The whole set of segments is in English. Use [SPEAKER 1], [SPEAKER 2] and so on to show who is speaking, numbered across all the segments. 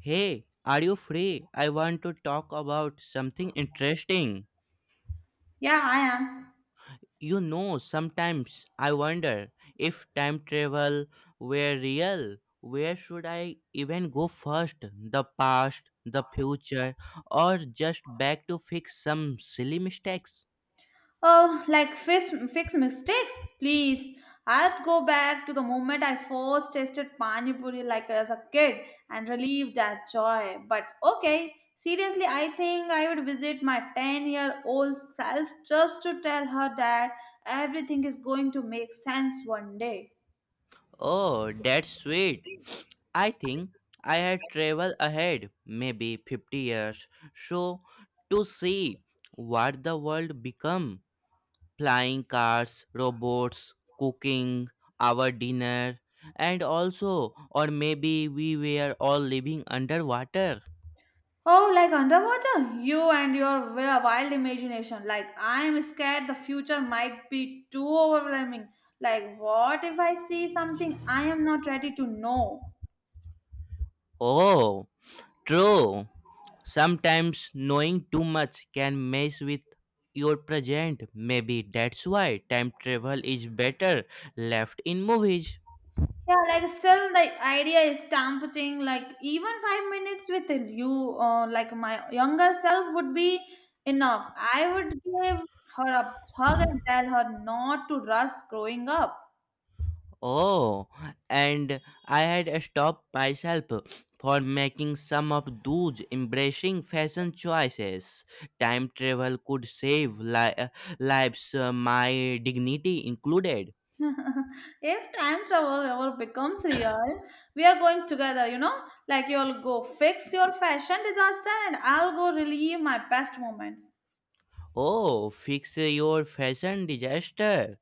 [SPEAKER 1] Hey, are you free? I want to talk about something interesting.
[SPEAKER 2] Yeah, I am.
[SPEAKER 1] You know, sometimes I wonder if time travel were real, where should I even go first? The past, the future, or just back to fix some silly mistakes?
[SPEAKER 2] Oh, like fix mistakes, please. I'd go back to the moment I first tasted pani puri like as a kid and relieve that joy. But okay, seriously, I think I would visit my 10-year-old self just to tell her that everything is going to make sense one day.
[SPEAKER 1] Oh, that's sweet. I think I had traveled ahead, maybe 50 years, so to see what the world become flying cars, robots, cooking, our dinner, and also, or maybe we were all living underwater.
[SPEAKER 2] Oh, like underwater? You and your wild imagination. Like, I'm scared the future might be too overwhelming. Like, what if I see something I am not ready to know?
[SPEAKER 1] Oh, true. Sometimes knowing too much can mess with your present. Maybe that's why time travel is better left in movies.
[SPEAKER 2] Yeah, like, still, the idea is tempting. Like, even 5 minutes with you, like, my younger self would be enough. I would give her a hug and tell her not to rush growing up.
[SPEAKER 1] Oh, and I had stopped myself for making some of those embracing fashion choices. Time travel could save lives, my dignity included.
[SPEAKER 2] If time travel ever becomes real, we are going together, you know? Like you'll go fix your fashion disaster and I'll go relive my best moments.
[SPEAKER 1] Oh, fix your fashion disaster.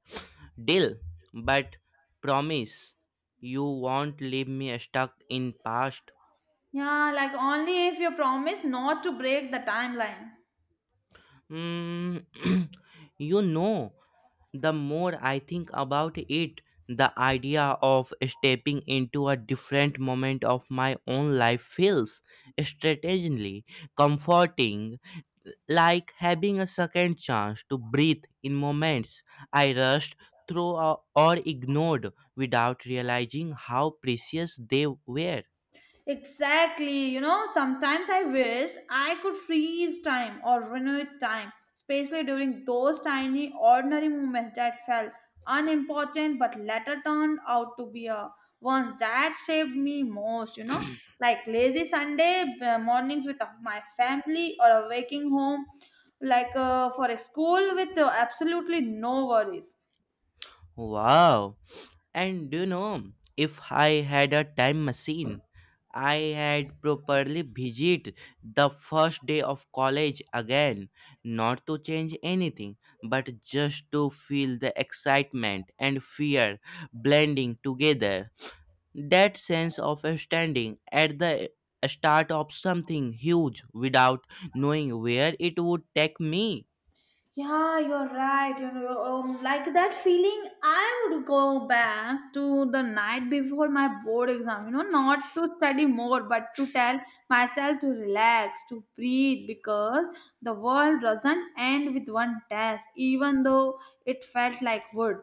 [SPEAKER 1] Deal, but promise you won't leave me stuck in past.
[SPEAKER 2] Yeah, like only if you promise not to break the timeline.
[SPEAKER 1] Mm, you know the more I think about it, the idea of stepping into a different moment of my own life feels strategically comforting, like having a second chance to breathe in moments I rushed through or ignored without realizing how precious they were.
[SPEAKER 2] Exactly. You know, sometimes I wish I could freeze time or renew time, especially during those tiny, ordinary moments that felt unimportant but later turned out to be a ones that shaped me most, you know, like lazy Sunday mornings with my family or a waking home like for a school with absolutely no worries.
[SPEAKER 1] Wow! And do you know, if I had a time machine, I had properly visit the first day of college again, not to change anything, but just to feel the excitement and fear blending together. That sense of standing at the start of something huge without knowing where it would take me.
[SPEAKER 2] Yeah, you're right. You know, like that feeling, I would go back to the night before my board exam, you know, not to study more, but to tell myself to relax, to breathe, because the world doesn't end with one test, even though it felt like would.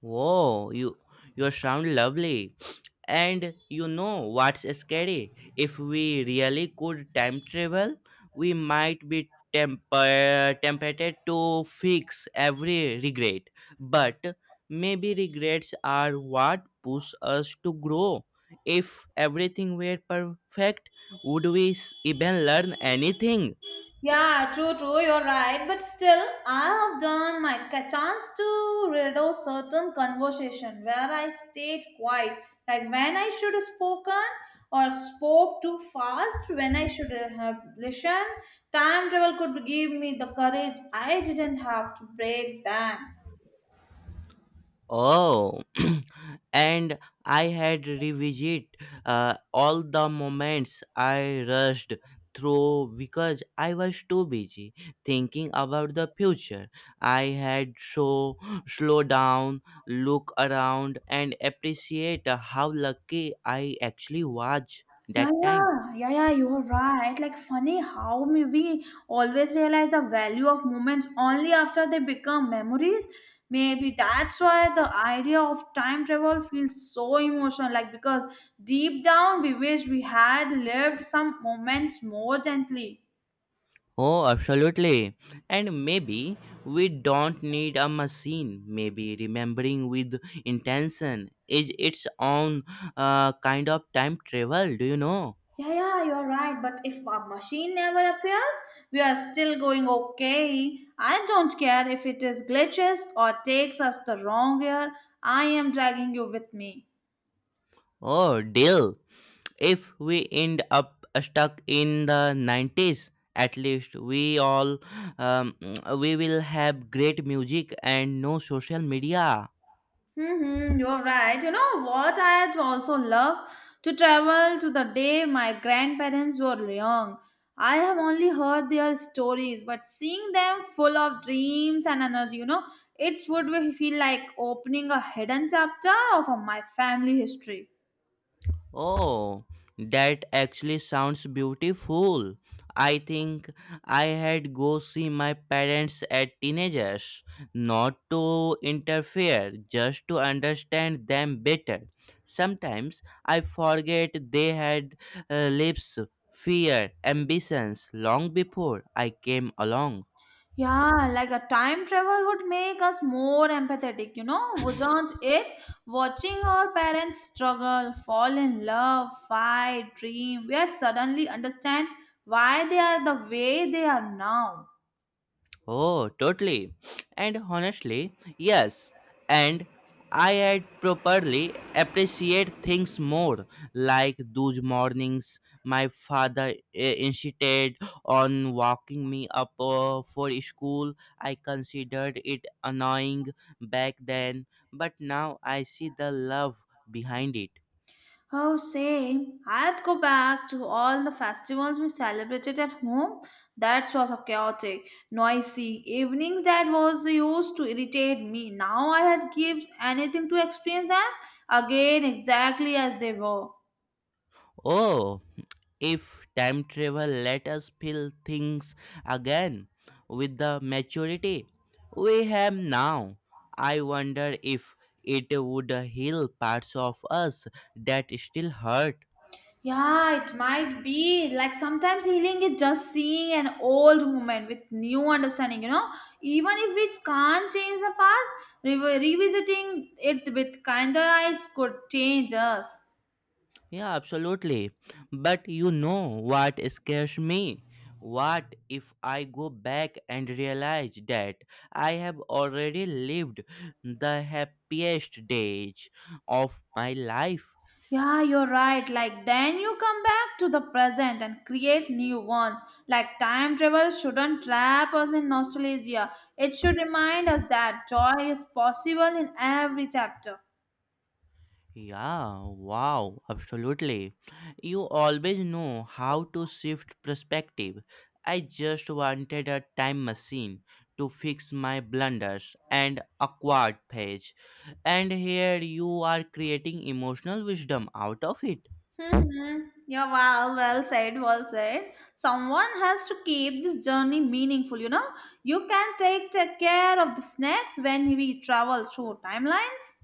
[SPEAKER 1] Whoa, you sound lovely. And you know what's scary? If we really could time travel, we might be temper tempted to fix every regret. But maybe regrets are what push us to grow. If everything were perfect, would even learn anything?
[SPEAKER 2] Yeah, true, true, you're right. But still, I have done my chance to redo certain conversation where I stayed quiet, like when I should have spoken or spoke too fast, when I should have listened. Time travel could give me the courage I didn't have to break them.
[SPEAKER 1] Oh, and I had revisit all the moments I rushed through because I was too busy thinking about the future. I had so slow down, look around, and appreciate how lucky I actually was
[SPEAKER 2] Yeah,
[SPEAKER 1] that time.
[SPEAKER 2] yeah, yeah, yeah, you're right. Like, funny how may we always realize the value of moments only after they become memories. Maybe that's why the idea of time travel feels so emotional. Like, because deep down we wish we had lived some moments more gently.
[SPEAKER 1] Oh, absolutely. And maybe we don't need a machine. Maybe remembering with intention is its own kind of time travel, do you know?
[SPEAKER 2] Yeah, yeah, you're right. But if a machine never appears, we are still going okay. I don't care if it is glitches or takes us the wrong year. I am dragging you with me.
[SPEAKER 1] Oh, deal. If we end up stuck in the 90s, at least um, we will have great music and no social media.
[SPEAKER 2] Mm-hmm, you're right. You know what? I'd also love to travel to the day my grandparents were young. I have only heard their stories, but seeing them full of dreams and energy, you know, it would feel like opening a hidden chapter of my family history.
[SPEAKER 1] Oh, that actually sounds beautiful. I think I had go see my parents at teenagers, not to interfere, just to understand them better. Sometimes I forget they had lives, fear, ambitions long before I came along.
[SPEAKER 2] Yeah, like a time travel would make us more empathetic, you know, wouldn't it? Watching our parents struggle, fall in love, fight, dream, we are suddenly understand why they are the way they are now.
[SPEAKER 1] Oh, totally. And honestly, yes. And I had properly appreciate things more, like those mornings my father insisted on walking me up for school. I considered it annoying back then, but now I see the love behind it.
[SPEAKER 2] Oh, same. I'd go back to all the festivals we celebrated at home. That was a chaotic, noisy evenings that was used to irritate me. Now I had gives anything to experience them again exactly as they were.
[SPEAKER 1] Oh, if time travel let us feel things again with the maturity we have now, I wonder if it would heal parts of us that still hurt.
[SPEAKER 2] Yeah, it might be. Like sometimes healing is just seeing an old moment with new understanding, you know. Even if we can't change the past, revisiting it with kinder eyes could change us.
[SPEAKER 1] Yeah, absolutely, but you know what scares me, what if I go back and realize that I have already lived the happiest days of my life?
[SPEAKER 2] Yeah, you're right. Like then you come back to the present and create new ones. Like time travel shouldn't trap us in nostalgia. It should remind us that joy is possible in every chapter.
[SPEAKER 1] Yeah, wow, absolutely. You always know how to shift perspective. I just wanted a time machine to fix my blunders and awkward page, and here you are creating emotional wisdom out of it.
[SPEAKER 2] Mm-hmm. Yeah, well, well said. Someone has to keep this journey meaningful, you know. You can take care of the snacks when we travel through timelines.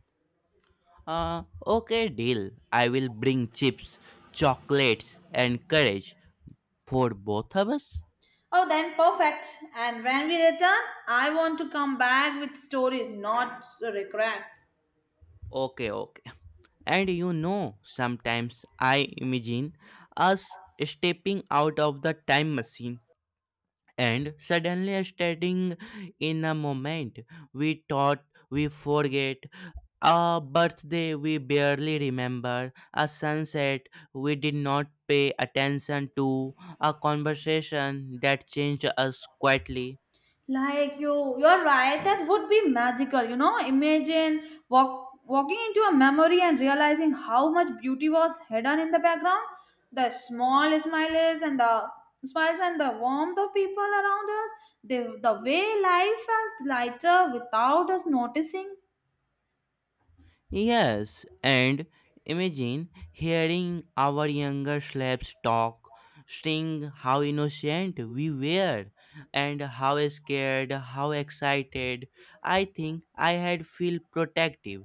[SPEAKER 1] Okay, deal. I will bring chips, chocolates, and courage for both of us.
[SPEAKER 2] Oh, then perfect. And when we return, I want to come back with stories, not regrets.
[SPEAKER 1] Okay, okay. And you know, sometimes I imagine us stepping out of the time machine and suddenly standing in a moment we thought we forget, a birthday we barely remember, a sunset we did not pay attention to, a conversation that changed us quietly.
[SPEAKER 2] Like you're right. That would be magical. You know, imagine walking into a memory and realizing how much beauty was hidden in the background. The small smiles and the warmth of people around us. The way life felt lighter without us noticing.
[SPEAKER 1] Yes, and imagine hearing our younger slaves talk, saying how innocent we were, and how scared, how excited. I think I had feel protective,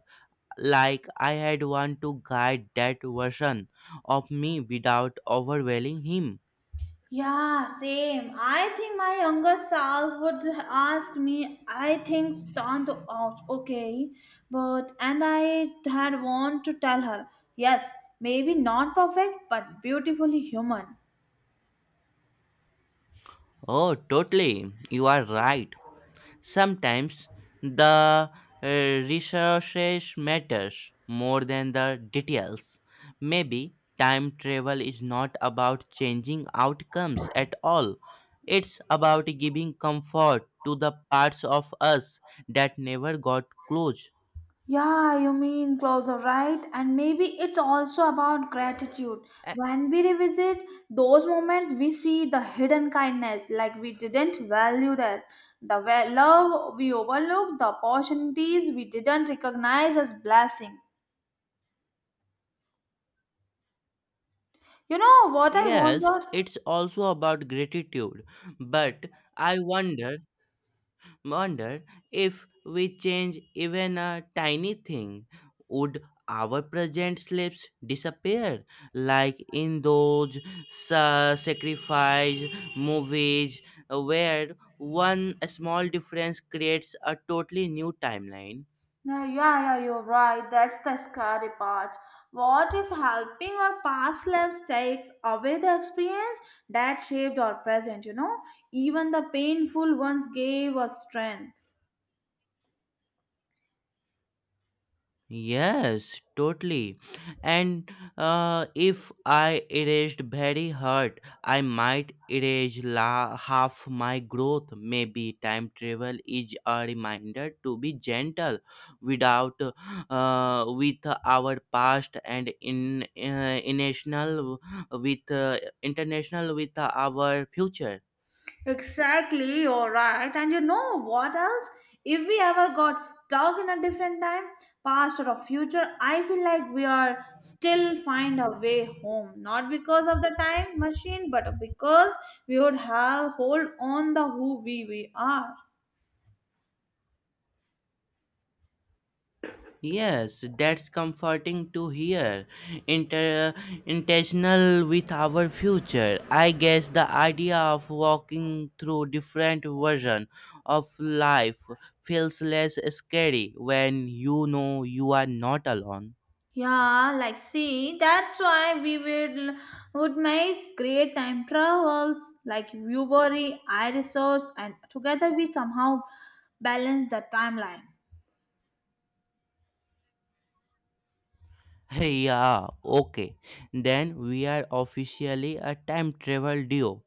[SPEAKER 1] like I had want to guide that version of me without overwhelming him.
[SPEAKER 2] Yeah, same. I think my younger self would ask me, I think stand out, okay. But and I had want to tell her, yes, maybe not perfect, but beautifully human.
[SPEAKER 1] Oh, totally. You are right. Sometimes the resources matters more than the details. Maybe time travel is not about changing outcomes at all. It's about giving comfort to the parts of us that never got close.
[SPEAKER 2] Yeah, you mean closer, right? And maybe it's also about gratitude.
[SPEAKER 1] A-
[SPEAKER 2] When we revisit those moments, we see the hidden kindness, like we didn't value that, the love we overlooked, the opportunities we didn't recognize as blessing. You know what I
[SPEAKER 1] Yes,
[SPEAKER 2] wonder?
[SPEAKER 1] it's also about gratitude, but I wonder wondered if we change even a tiny thing, would our present slaves disappear, like in those sacrifice movies where one small difference creates a totally new timeline?
[SPEAKER 2] No, yeah, yeah, you're right. That's the scary part. What if helping our past lives takes away the experience that shaped our present, you know? Even the painful ones gave us strength.
[SPEAKER 1] Yes, totally. And if I erased very hard, I might half my growth. Maybe time travel is a reminder to be gentle without with our past and in international with our future.
[SPEAKER 2] Exactly, you're right. And you know what else? If we ever got stuck in a different time, past or a future, I feel like we are still find a way home. Not because of the time machine, but because we would have hold on the who we are.
[SPEAKER 1] Yes, that's comforting to hear. Inter- Intentional with our future. I guess the idea of walking through different version of life feels less scary when you know you are not alone.
[SPEAKER 2] Yeah, like see, that's why we would make great time travels. Like you worry, I resource, and together we somehow balance the timeline.
[SPEAKER 1] Hey, yeah, okay. Then we are officially a time travel duo.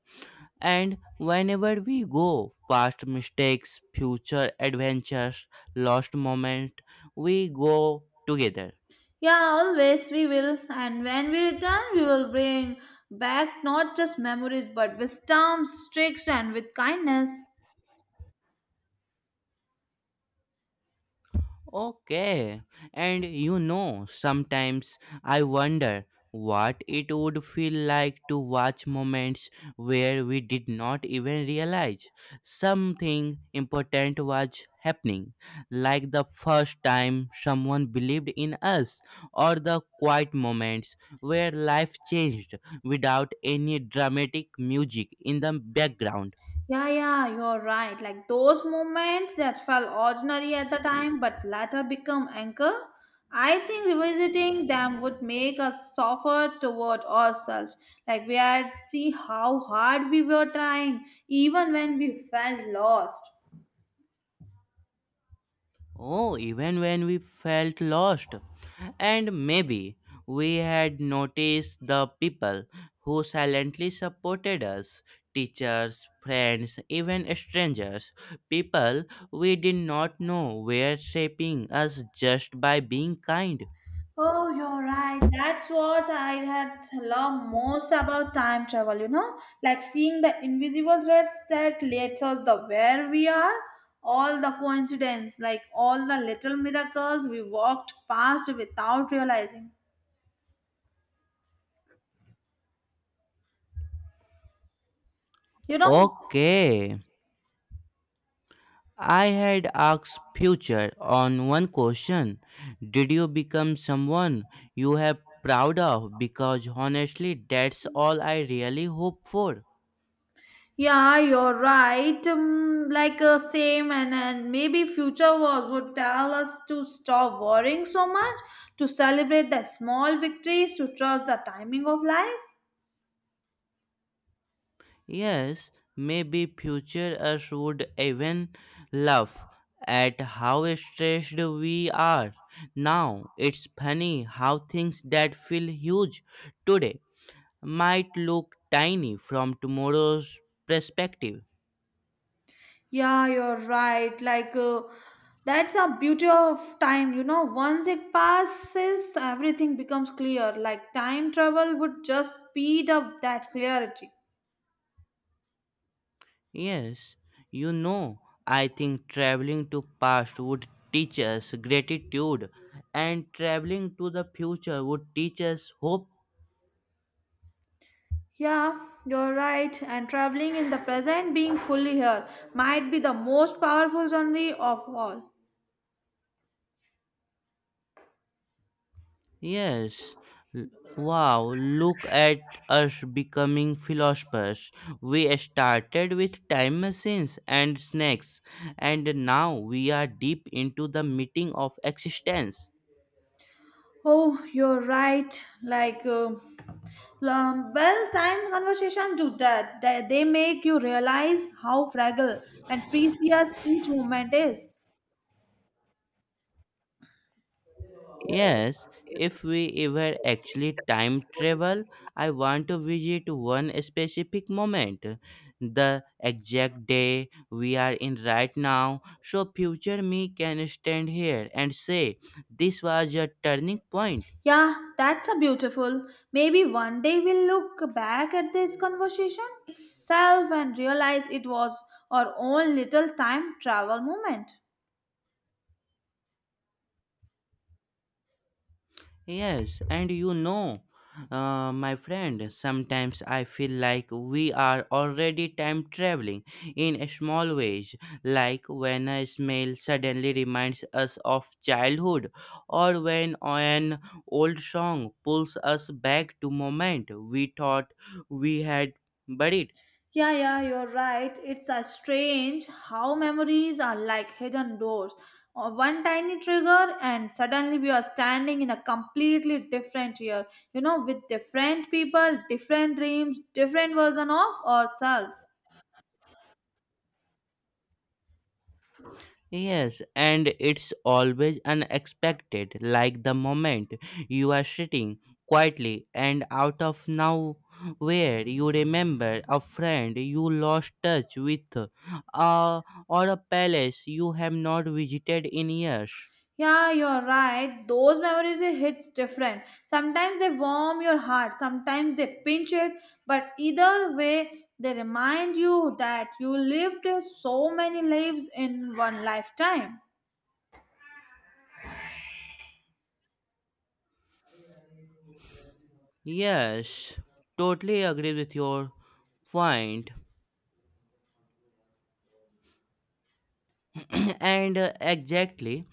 [SPEAKER 1] And whenever we go past mistakes, future adventures, lost moments, we go together.
[SPEAKER 2] Yeah, always we will. And when we return, we will bring back not just memories but with wisdom, tricks, and with kindness.
[SPEAKER 1] Okay. And you know, sometimes I wonder what it would feel like to watch moments where we did not even realize something important was happening, like the first time someone believed in us, or the quiet moments where life changed without any dramatic music in the background.
[SPEAKER 2] Yeah, yeah, you're right. Like those moments that felt ordinary at the time but later become anchor, I think revisiting them would make us softer toward ourselves. Like we had see how hard we were trying, even when we felt lost.
[SPEAKER 1] Oh, even when we felt lost. And maybe we had noticed the people who silently supported us teachers, friends, even strangers. People we did not know were shaping us just by being kind.
[SPEAKER 2] Oh, you're right. That's what I had loved most about time travel, you know? Like seeing the invisible threads that leads us the where we are, all the coincidence, like all the little miracles we walked past without realizing. You know?
[SPEAKER 1] Okay. I had asked future on one question. Did you become someone you have proud of? Because honestly, that's all I really hope for.
[SPEAKER 2] Yeah, you're right. Like same and maybe future wars would tell us to stop worrying so much, to celebrate the small victories, to trust the timing of life.
[SPEAKER 1] Yes, maybe future us would even laugh at how stressed we are. Now, it's funny how things that feel huge today might look tiny from tomorrow's perspective.
[SPEAKER 2] Yeah, you're right. Like, that's a beauty of time. You know, once it passes, everything becomes clear. Like, time travel would just speed up that clarity.
[SPEAKER 1] Yes, you know, I think traveling to past would teach us gratitude and traveling to the future would teach us hope.
[SPEAKER 2] Yeah, you're right. And traveling in the present, being fully here, might be the most powerful journey of all.
[SPEAKER 1] Yes. L- Wow, look at us becoming philosophers. We started with time machines and snakes and now we are deep into the meeting of existence.
[SPEAKER 2] Oh, you're right. Like, well, time conversation do that. They make you realize how fragile and precious each moment is.
[SPEAKER 1] Yes, if we ever actually time travel, I want to visit one specific moment, the exact day we are in right now, so future me can stand here and say, this was a turning point.
[SPEAKER 2] Yeah, that's a beautiful. Maybe one day we'll look back at this conversation itself and realize it was our own little time travel moment.
[SPEAKER 1] Yes, and you know, my friend, sometimes I feel like we are already time traveling in small ways, like when a smell suddenly reminds us of childhood, or when an old song pulls us back to moment we thought we had buried.
[SPEAKER 2] Yeah, yeah, you're right. It's a strange how memories are like hidden doors. One tiny trigger, and suddenly we are standing in a completely different year. You know, with different people, different dreams, different version of ourselves.
[SPEAKER 1] Yes, and it's always unexpected, like the moment you are sitting quietly and out of nowhere you remember a friend you lost touch with, uh, or a palace you have not visited in years.
[SPEAKER 2] Yeah, you're right. Those memories it hits different. Sometimes they warm your heart, sometimes they pinch it, but either way they remind you that you lived so many lives in one lifetime.
[SPEAKER 1] Yes, totally agree with your point. and exactly,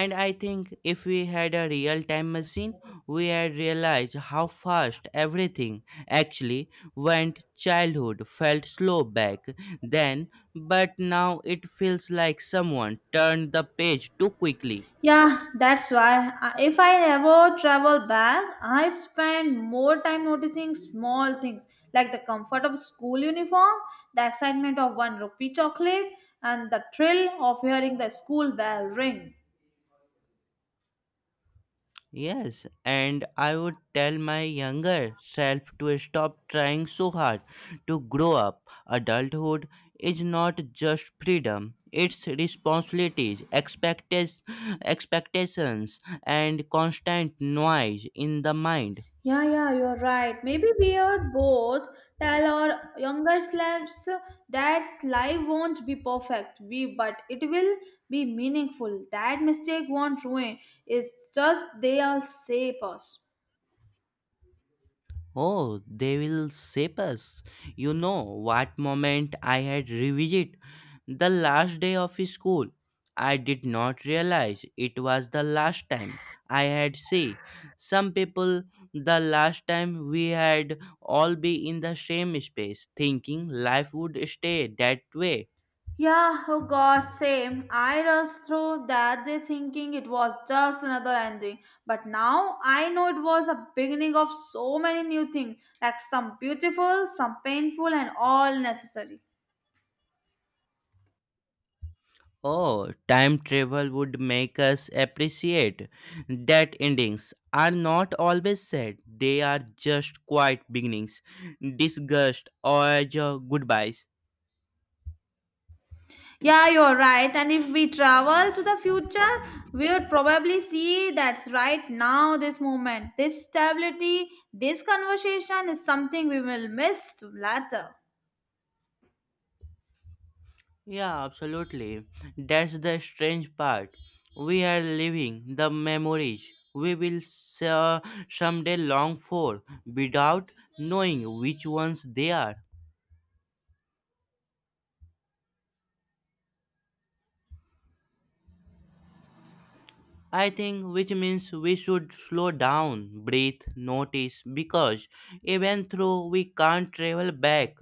[SPEAKER 1] and I think if we had a real time machine, we had realized how fast everything actually went. Childhood felt slow back then, but now it feels like someone turned the page too quickly.
[SPEAKER 2] Yeah, that's why if I ever travel back, I'd spend more time noticing small things like the comfort of school uniform, the excitement of one rupee chocolate, and the thrill of hearing the school bell ring.
[SPEAKER 1] Yes, and I would tell my younger self to stop trying so hard to grow up. Adulthood is not just freedom, it's responsibilities, expectations, and constant noise in the mind.
[SPEAKER 2] Yeah, yeah, you're right. Maybe we are both tell our younger selves that life won't be perfect, we but it will be meaningful. That mistake won't ruin. It's just they all shape us.
[SPEAKER 1] Oh, they will shape us. You know what moment I had revisit, the last day of school. I did not realize it was the last time I had see some people, the last time we had all be in the same space thinking life would stay that way.
[SPEAKER 2] Yeah, oh God, same. I rushed through that day thinking it was just another ending. But now I know it was a beginning of so many new things, like some beautiful, some painful, and all necessary.
[SPEAKER 1] Oh, time travel would make us appreciate that endings are not always sad. They are just quiet beginnings, disgust, or as a goodbyes.
[SPEAKER 2] Yeah, you're right. And if we travel to the future, we would probably see that's right now, this moment, this stability, this conversation is something we will miss later.
[SPEAKER 1] Yeah, absolutely. That's the strange part. We are living the memories we will s- uh, someday long for without knowing which ones they are. I think, which means we should slow down, breathe, notice, because even though we can't travel back,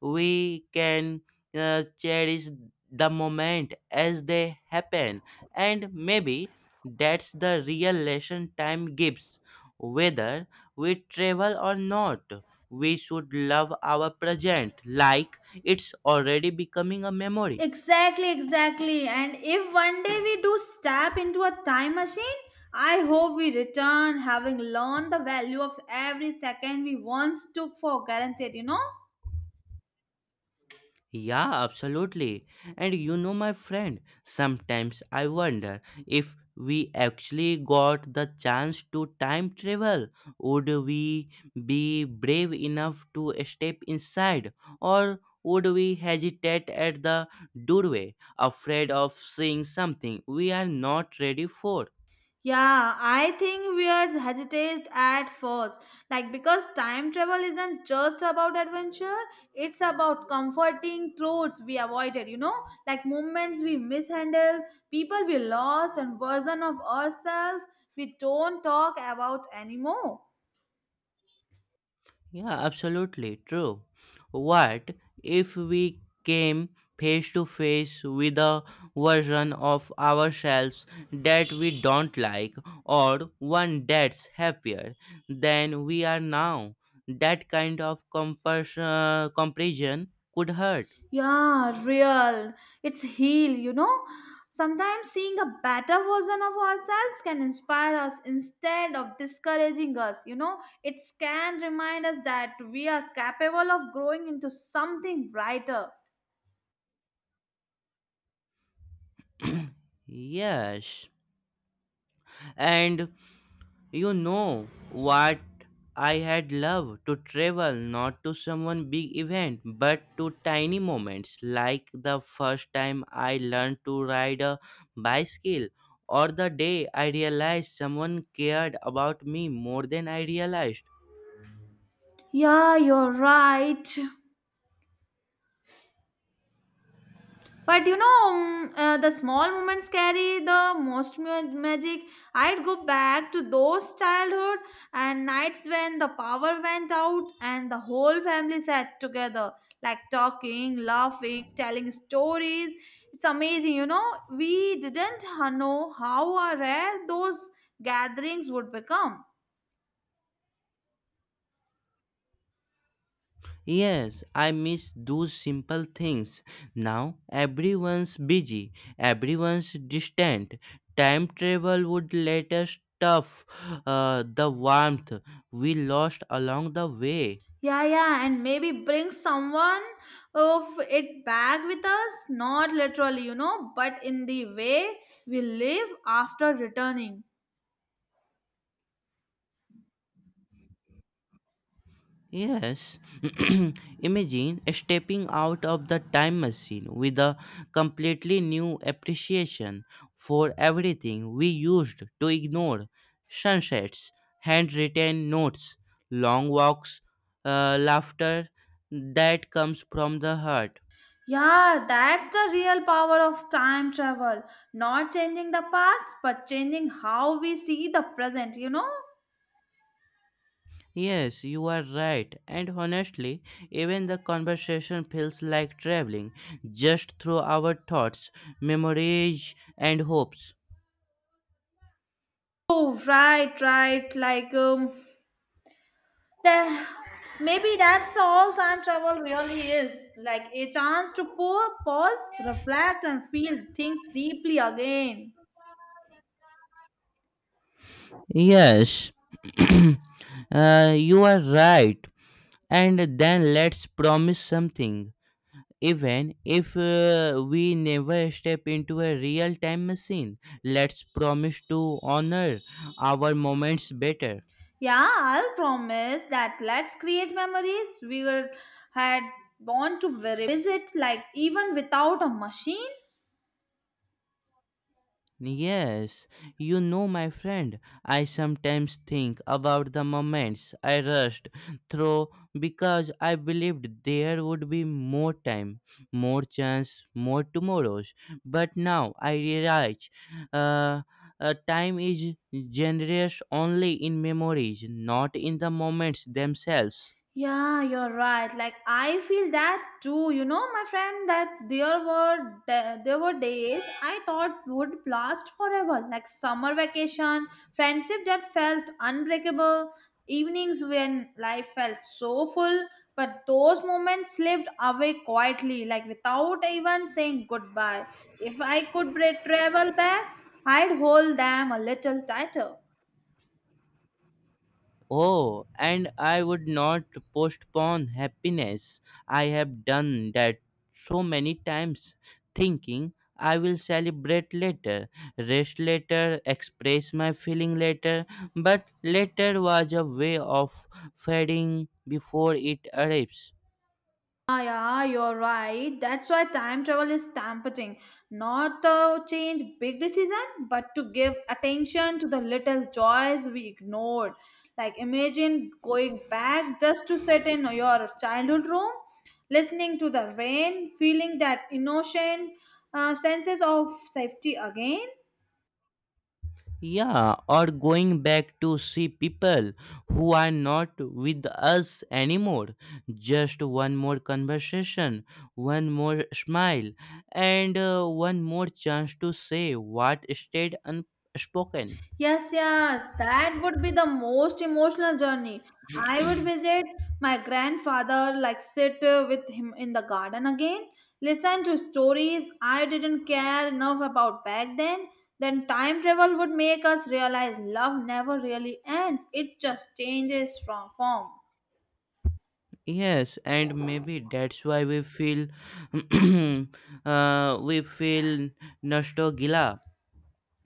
[SPEAKER 1] we can cherish the moment as they happen. And maybe that's the real lesson time gives. Whether we travel or not, we should love our present like it's already becoming a memory.
[SPEAKER 2] Exactly, exactly. And if one day we do step into a time machine, I hope we return having learned the value of every second we once took for granted, you know?
[SPEAKER 1] Yeah, absolutely. And you know, my friend, sometimes I wonder if we actually got the chance to time travel, would we be brave enough to step inside, or would we hesitate at the doorway, afraid of seeing something we are not ready for?
[SPEAKER 2] Yeah, I think we are hesitant at first. Like, because time travel isn't just about adventure, it's about comforting truths we avoided, you know? Like, moments we mishandled, people we lost, and version of ourselves we don't talk about anymore.
[SPEAKER 1] Yeah, absolutely true. What if we came face to face with a version of ourselves that we don't like or one that's happier than we are now? That kind of comparison could hurt.
[SPEAKER 2] Yeah, real. It's heal, you know. Sometimes seeing a better version of ourselves can inspire us instead of discouraging us, you know. It can remind us that we are capable of growing into something brighter.
[SPEAKER 1] Yes. And you know what? I had loved to travel not to someone big event but to tiny moments like the first time I learned to ride a bicycle or the day I realized someone cared about me more than I realized.
[SPEAKER 2] Yeah, you're right. But you know, mm, the small moments carry the most magic. I'd go back to those childhood and nights when the power went out and the whole family sat together, like talking, laughing, telling stories. It's amazing, you know. We didn't know how rare those gatherings would become.
[SPEAKER 1] Yes, I miss those simple things. Now everyone's busy, everyone's distant. Time travel would let us stuff the warmth we lost along the way.
[SPEAKER 2] Yeah, yeah, and maybe bring someone of it back with us, not literally, you know, but in the way we live after returning.
[SPEAKER 1] Yes, imagine stepping out of the time machine with a completely new appreciation for everything we used to ignore sunsets, handwritten notes, long walks, laughter that comes from the heart.
[SPEAKER 2] Yeah, that's the real power of time travel. Not changing the past, but changing how we see the present, you know?
[SPEAKER 1] Yes, you are right, and honestly, even the conversation feels like traveling just through our thoughts, memories, and hopes.
[SPEAKER 2] Oh, right, right. Like, the, maybe that's all time travel really is. Like a chance to pause, reflect, and feel things deeply again.
[SPEAKER 1] Yes, you are right. And then let's promise something. Even if we never step into a real time machine, let's promise to honor our moments better.
[SPEAKER 2] Yeah, I'll promise that let's create memories we were had born to revisit, like even without a machine.
[SPEAKER 1] Yes, you know, my friend, I sometimes think about the moments I rushed through because I believed there would be more time, more chance, more tomorrows. But now I realize uh, time is generous only in memories, not in the moments themselves.
[SPEAKER 2] Yeah, you're right. Like I feel that too. You know, my friend, that there were days I thought would last forever, like summer vacation, friendship that felt unbreakable, evenings when life felt so full, but those moments slipped away quietly, like without even saying goodbye. If I could travel back, I'd hold them a little tighter.
[SPEAKER 1] Oh, and I would not postpone happiness. I have done that so many times, thinking I will celebrate later, rest later, express my feeling later, but later was a way of fading before it arrives.
[SPEAKER 2] Ah, yeah, you're right. That's why time travel is tempting. Not to change big decision, but to give attention to the little joys we ignored. Like imagine going back just to sit in your childhood room, listening to the rain, feeling that innocent senses of safety again.
[SPEAKER 1] Yeah, or going back to see people who are not with us anymore. Just one more conversation, one more smile, and one more chance to say what stayed unspoken.
[SPEAKER 2] Yes, yes, that would be the most emotional journey. I would visit my grandfather, like sit with him in the garden again, listen to stories I didn't care enough about back then. Then time travel would make us realize love never really ends, it just changes from form.
[SPEAKER 1] Yes, and maybe that's why we feel we feel nostalgia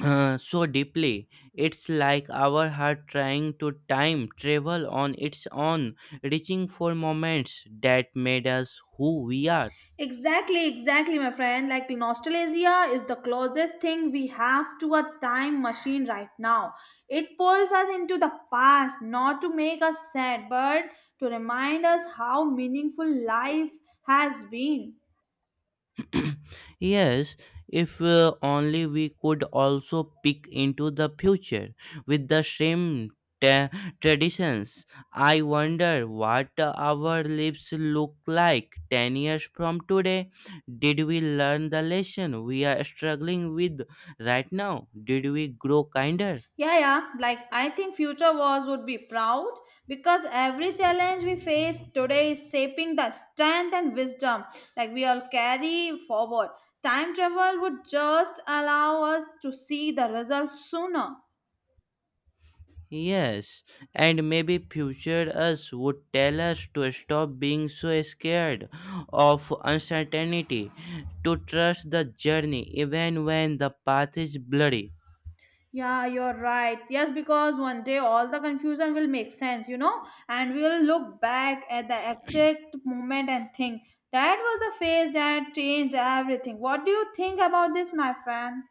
[SPEAKER 1] so deeply. It's like our heart trying to time travel on its own, reaching for moments that made us who we are.
[SPEAKER 2] Exactly, exactly, my friend. Like nostalgia is the closest thing we have to a time machine right now. It pulls us into the past, not to make us sad, but to remind us how meaningful life has been.
[SPEAKER 1] Yes, if only we could also peek into the future with the same ta- traditions. I wonder what our lives look like 10 years from today. Did we learn the lesson we are struggling with right now? Did we grow kinder?
[SPEAKER 2] Yeah, yeah. Like I think future wars would be proud because every challenge we face today is shaping the strength and wisdom like we all carry forward. Time travel would just allow us to see the results sooner.
[SPEAKER 1] Yes, and maybe future us would tell us to stop being so scared of uncertainty, to trust the journey even when the path is bloody.
[SPEAKER 2] Yeah, you're right. Yes, because one day all the confusion will make sense, you know, and we will look back at the exact moment and think that was the phase that changed everything. What do you think about this, my friend?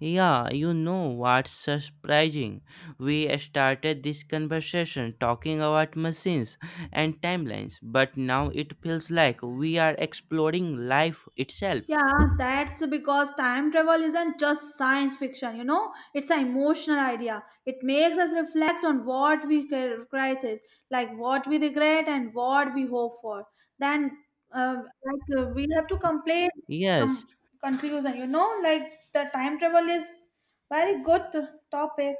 [SPEAKER 1] Yeah, you know what's surprising? We started this conversation talking about machines and timelines, but now it feels like we are exploring life itself.
[SPEAKER 2] Yeah, that's because time travel isn't just science fiction, you know, it's an emotional idea. It makes us reflect on what we crisis, like what we regret and what we hope for. Then, uh, like, we have to complete this
[SPEAKER 1] Yes,
[SPEAKER 2] conclusion, you know, like the time travel is very good topic.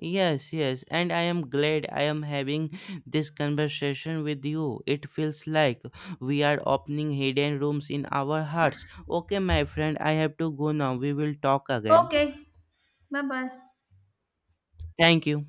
[SPEAKER 1] yes, yes, and I am glad I am having this conversation with you. It feels like we are opening hidden rooms in our hearts. Okay, my friend, I have to go now. We will talk again.
[SPEAKER 2] Okay, bye bye.
[SPEAKER 1] Thank you.